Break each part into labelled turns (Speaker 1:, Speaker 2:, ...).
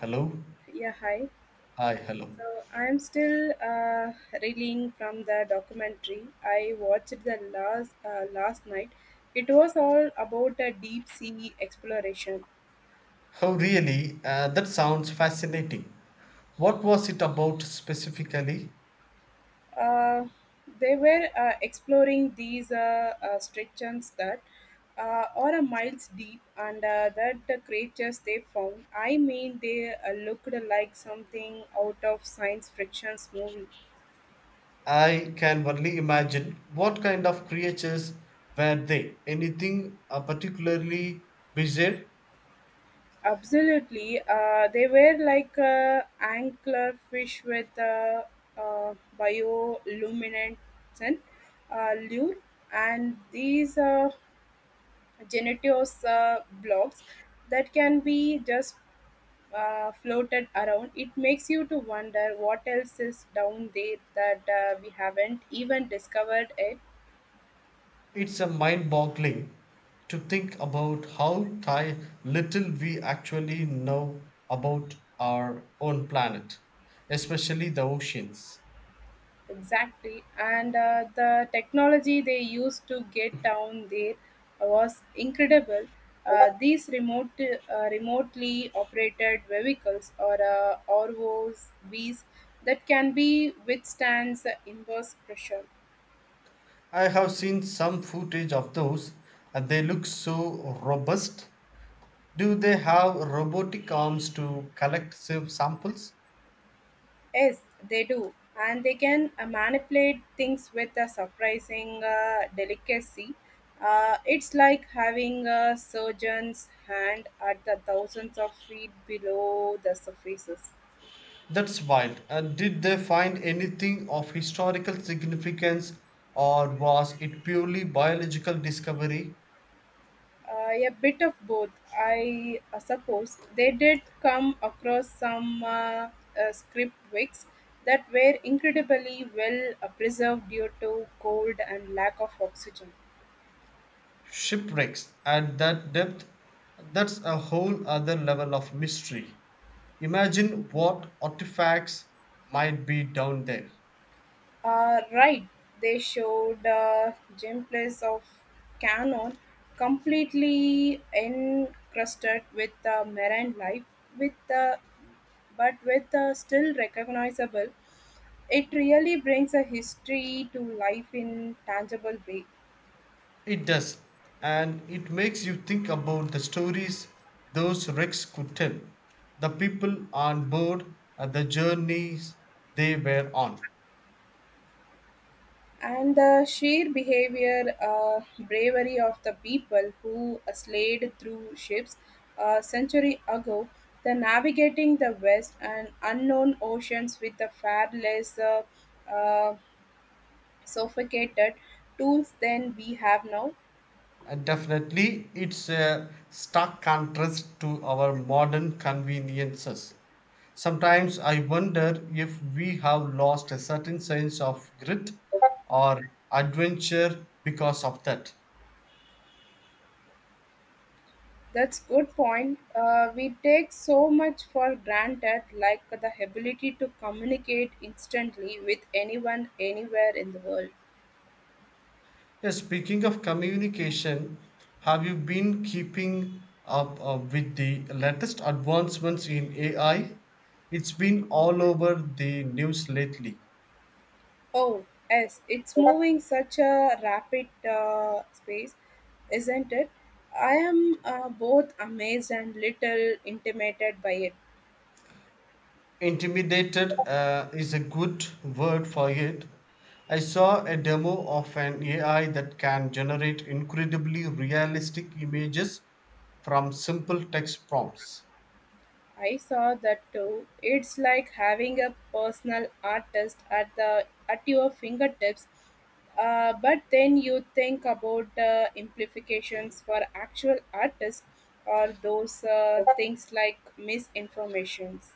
Speaker 1: Hello?
Speaker 2: Yeah, hi.
Speaker 1: Hi, hello.
Speaker 2: So I'm still reeling from the documentary I watched the last night. It was all about a deep sea exploration.
Speaker 1: Oh, really? That sounds fascinating. What was it about specifically?
Speaker 2: Uh, they were exploring these structures that are a miles deep, and that the creatures they found. I mean, they looked like something out of science fiction movie.
Speaker 1: I can only imagine. What kind of creatures were they? Anything particularly bizarre?
Speaker 2: Absolutely, they were like anglerfish with a uh, uh, bioluminescent lure, and these genetios blocks that can be just floated around. It makes you to wonder what else is down there that we haven't even discovered it.
Speaker 1: It's a mind boggling to think about how little we actually know about our own planet, especially the oceans.
Speaker 2: Exactly. And the technology they used to get down there was incredible. These remotely operated vehicles or ROVs that can be withstands the inverse pressure.
Speaker 1: I have seen some footage of those, and they look so robust. Do they have robotic arms to collect samples?
Speaker 2: Yes, they do. And they can manipulate things with a surprising delicacy. It's like having a surgeon's hand at the thousands of feet below the surfaces.
Speaker 1: That's wild. And did they find anything of historical significance, or was it purely biological discovery?
Speaker 2: A bit of both, I suppose. They did come across some script wigs that were incredibly well preserved due to cold and lack of oxygen.
Speaker 1: Shipwrecks at that depth, that's a whole other level of mystery. Imagine what artifacts might be down there.
Speaker 2: Right, they showed gameplays of Canon completely encrusted with marine life, with but with still recognizable. It really brings a history to life in tangible way.
Speaker 1: It does, and it makes you think about the stories those wrecks could tell, the people on board, and the journeys they were on.
Speaker 2: And the sheer behavior, bravery of the people who slayed through ships a century ago, the navigating the west and unknown oceans with the far less uh, sophisticated tools than we have now.
Speaker 1: And definitely, it's a stark contrast to our modern conveniences. Sometimes I wonder if we have lost a certain sense of grit or adventure because of that.
Speaker 2: That's good point. We take so much for granted, like the ability to communicate instantly with anyone anywhere in the world.
Speaker 1: Yeah, speaking of communication, have you been keeping up with the latest advancements in AI? It's been all over the news lately.
Speaker 2: Oh, yes, it's moving such a rapid space, isn't it? I am both amazed and little intimidated by it.
Speaker 1: Intimidated is a good word for it. I saw a demo of an AI that can generate incredibly realistic images from simple text prompts.
Speaker 2: I saw that too. It's like having a personal artist at the at your fingertips. But then you think about the implications for actual artists or those things like misinformations.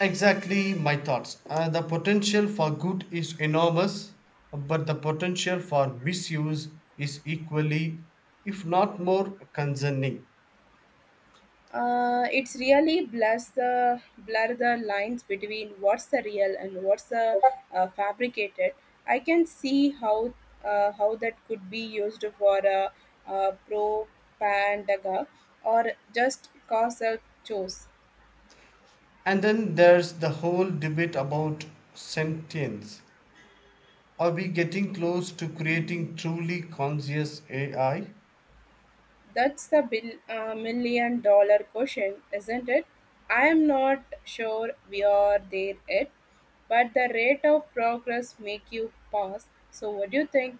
Speaker 1: Exactly my thoughts. The potential for good is enormous, but the potential for misuse is equally, if not more, concerning.
Speaker 2: It's really blur the lines between what's the real and what's the fabricated. I can see how that could be used for a propaganda or just cause a choice.
Speaker 1: And then there's the whole debate about sentience. Are we getting close to creating truly conscious AI?
Speaker 2: That's the bill, million-dollar question, isn't it? I am not sure we are there yet, but the rate of progress make you pause. So, what do you think?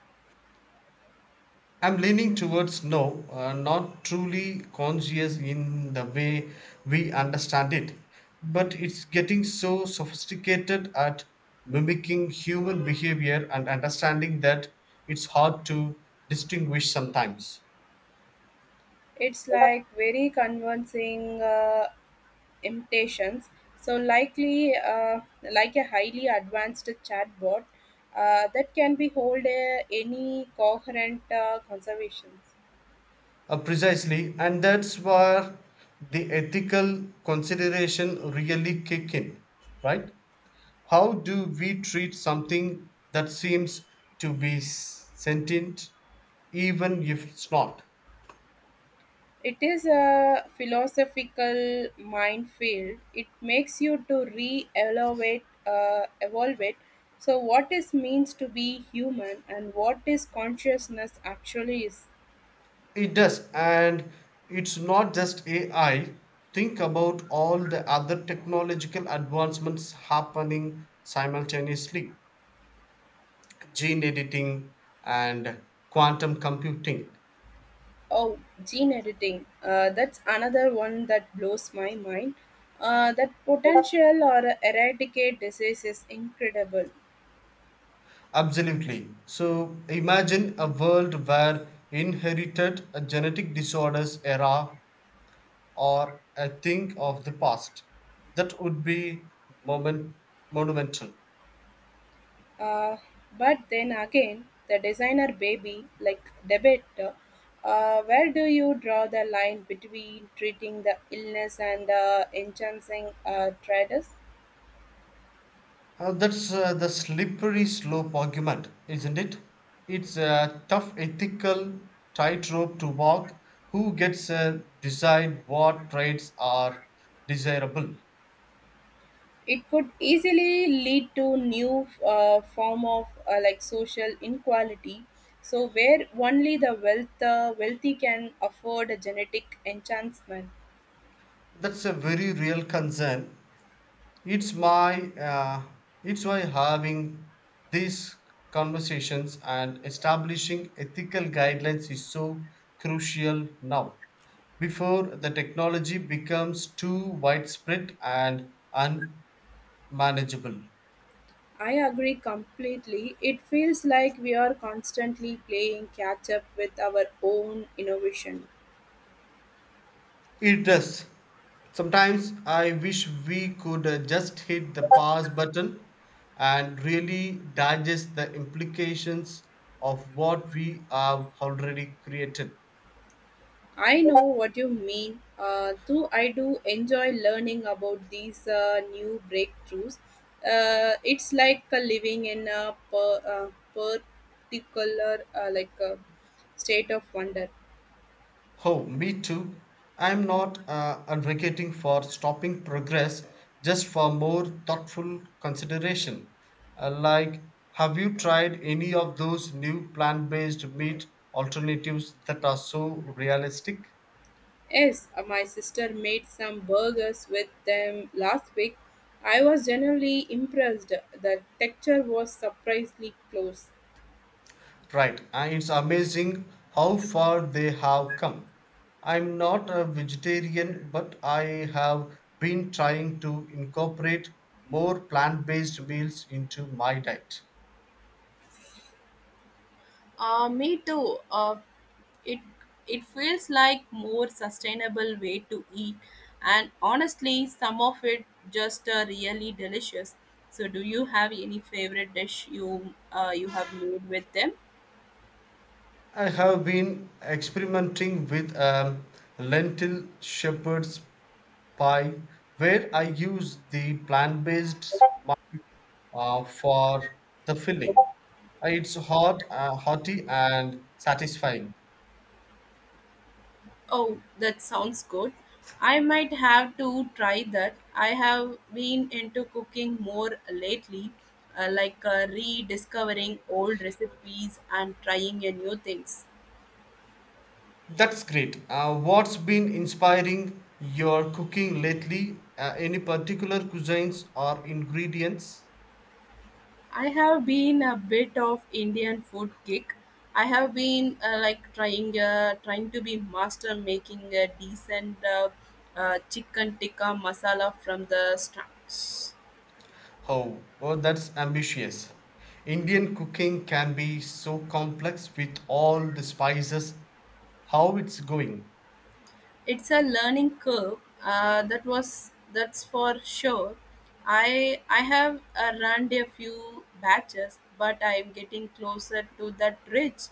Speaker 1: I'm leaning towards no, not truly conscious in the way we understand it, but it's getting so sophisticated at mimicking human behavior and understanding that it's hard to distinguish sometimes.
Speaker 2: It's like very convincing imitations. So likely, like a highly advanced chatbot that can be hold any coherent conservations.
Speaker 1: Precisely, and that's where the ethical consideration really kick in, right? How do we treat something that seems to be sentient, even if it's not?
Speaker 2: It is a philosophical minefield. It makes you to evolve it. So what is means to be human and what is consciousness actually is.
Speaker 1: It does, and it's not just AI. Think about all the other technological advancements happening simultaneously, gene editing and quantum computing.
Speaker 2: Oh, gene editing. That's another one that blows my mind. That potential or eradicate disease is incredible.
Speaker 1: Absolutely. So imagine a world where inherited genetic disorders era or a thing of the past, that would be moment, monumental.
Speaker 2: Uh, but then again, the designer baby, like debate, where do you draw the line between treating the illness and enhancing traders?
Speaker 1: That's the slippery slope argument, isn't it? It's a tough ethical tightrope to walk. Who gets to decide what traits are desirable?
Speaker 2: It could easily lead to new form of like social inequality. So where only the wealthy can afford a genetic enhancement.
Speaker 1: That's a very real concern. it's my uh, it's why having these conversations and establishing ethical guidelines is so crucial now, before the technology becomes too widespread and unmanageable.
Speaker 2: I agree completely. It feels like we are constantly playing catch up with our own innovation.
Speaker 1: It does. Sometimes I wish we could just hit the pause button and really digest the implications of what we have already created.
Speaker 2: I know what you mean, though I do enjoy learning about these new breakthroughs. It's like living in a particular like a state of wonder.
Speaker 1: Oh, me too. I'm not advocating for stopping progress, just for more thoughtful consideration. Uh, like, have you tried any of those new plant based meat alternatives that are so realistic?
Speaker 2: Yes, my sister made some burgers with them last week. I was generally impressed. The texture was surprisingly close.
Speaker 1: Right, and it's amazing how far they have come. I'm not a vegetarian, but I have been trying to incorporate more plant based meals into my diet.
Speaker 2: Me too. It it feels like more sustainable way to eat and honestly some of it just really delicious. So do you have any favorite dish you you have made with them?
Speaker 1: I have been experimenting with lentil shepherd's pie, where I use the plant based for the filling. It's hearty, and satisfying.
Speaker 2: Oh, that sounds good. I might have to try that. I have been into cooking more lately, like rediscovering old recipes and trying a new things.
Speaker 1: That's great. What's been inspiring your cooking lately? Any particular cuisines or ingredients?
Speaker 2: I have been a bit of Indian food geek. I have been like trying to be master making a decent chicken tikka masala from the scratch.
Speaker 1: Oh, oh, that's ambitious. Indian cooking can be so complex with all the spices. How it's going?
Speaker 2: It's a learning curve. That's for sure. I have run a few batches, but I am getting closer to that rich,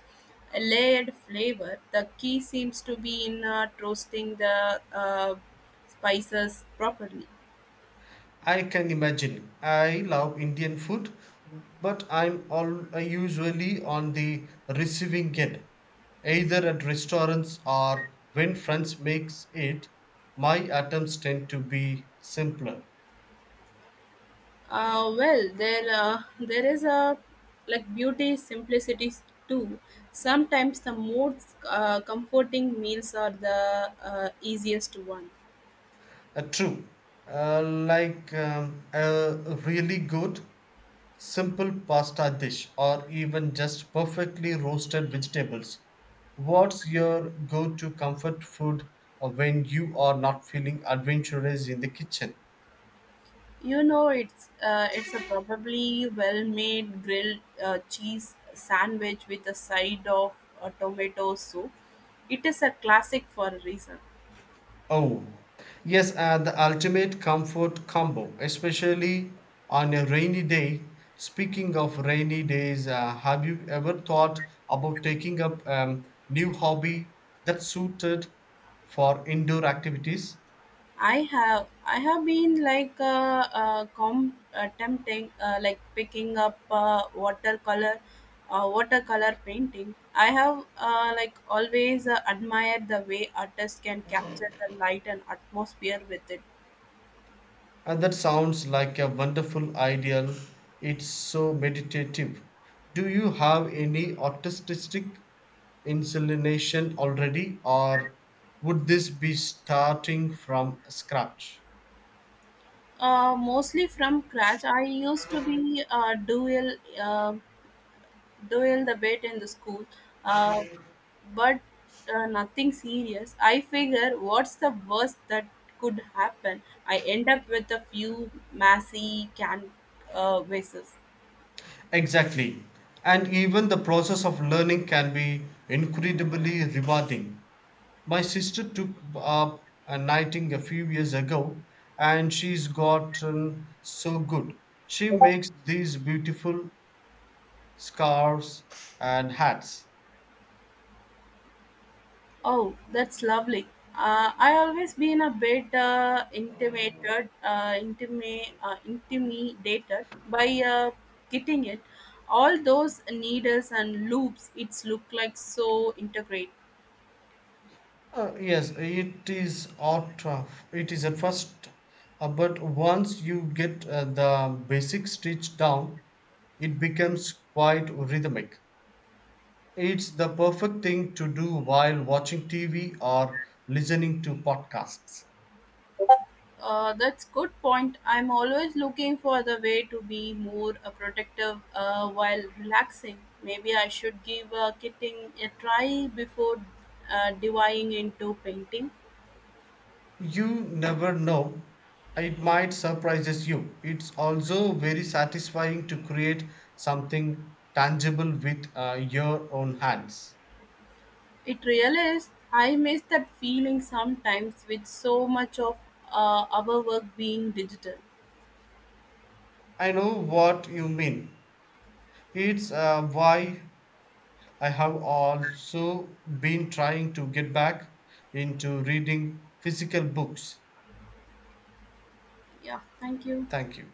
Speaker 2: layered flavor. The key seems to be in roasting the spices properly.
Speaker 1: I can imagine. I love Indian food, but I'm all I usually on the receiving end, either at restaurants or when friends makes it. My attempts tend to be simpler.
Speaker 2: Well, there is a like beauty simplicity too. Sometimes the most comforting meals are the easiest one.
Speaker 1: True. A really good, simple pasta dish or even just perfectly roasted vegetables. What's your go to comfort food when you are not feeling adventurous in the kitchen?
Speaker 2: You know, it's a probably well-made grilled cheese sandwich with a side of tomato soup. It is a classic for a reason.
Speaker 1: Oh, yes, the ultimate comfort combo, especially on a rainy day. Speaking of rainy days, have you ever thought about taking up new hobby that's suited for indoor activities?
Speaker 2: I have been like tempting like picking up watercolor painting. I have like always admired the way artists can capture the light and atmosphere with it.
Speaker 1: That sounds like a wonderful ideal. It's so meditative. Do you have any artistic inclination already, or would this be starting from scratch?
Speaker 2: Mostly from scratch. I used to be dual the bit in the school, uh, but nothing serious. I figure what's the worst that could happen. I end up with a few messy can vases.
Speaker 1: Exactly. And even the process of learning can be incredibly rewarding. My sister took up a knitting a few years ago and she's gotten so good. She makes these beautiful scarves and hats.
Speaker 2: Oh, that's lovely. I always been a bit intimidated by getting it. All those needles and loops, it's look like so integrate.
Speaker 1: Yes, it is out of it is at first, but once you get the basic stitch down, it becomes quite rhythmic. It's the perfect thing to do while watching TV or listening to podcasts.
Speaker 2: That's good point. I'm always looking for the way to be more protective while relaxing. Maybe I should give kitting a try before diving into painting.
Speaker 1: You never know. It might surprises you. It's also very satisfying to create something tangible with your own hands.
Speaker 2: It really is. I miss that feeling sometimes with so much of our work being digital.
Speaker 1: I know what you mean. It's why I have also been trying to get back into reading physical books.
Speaker 2: Yeah, thank you.
Speaker 1: Thank you.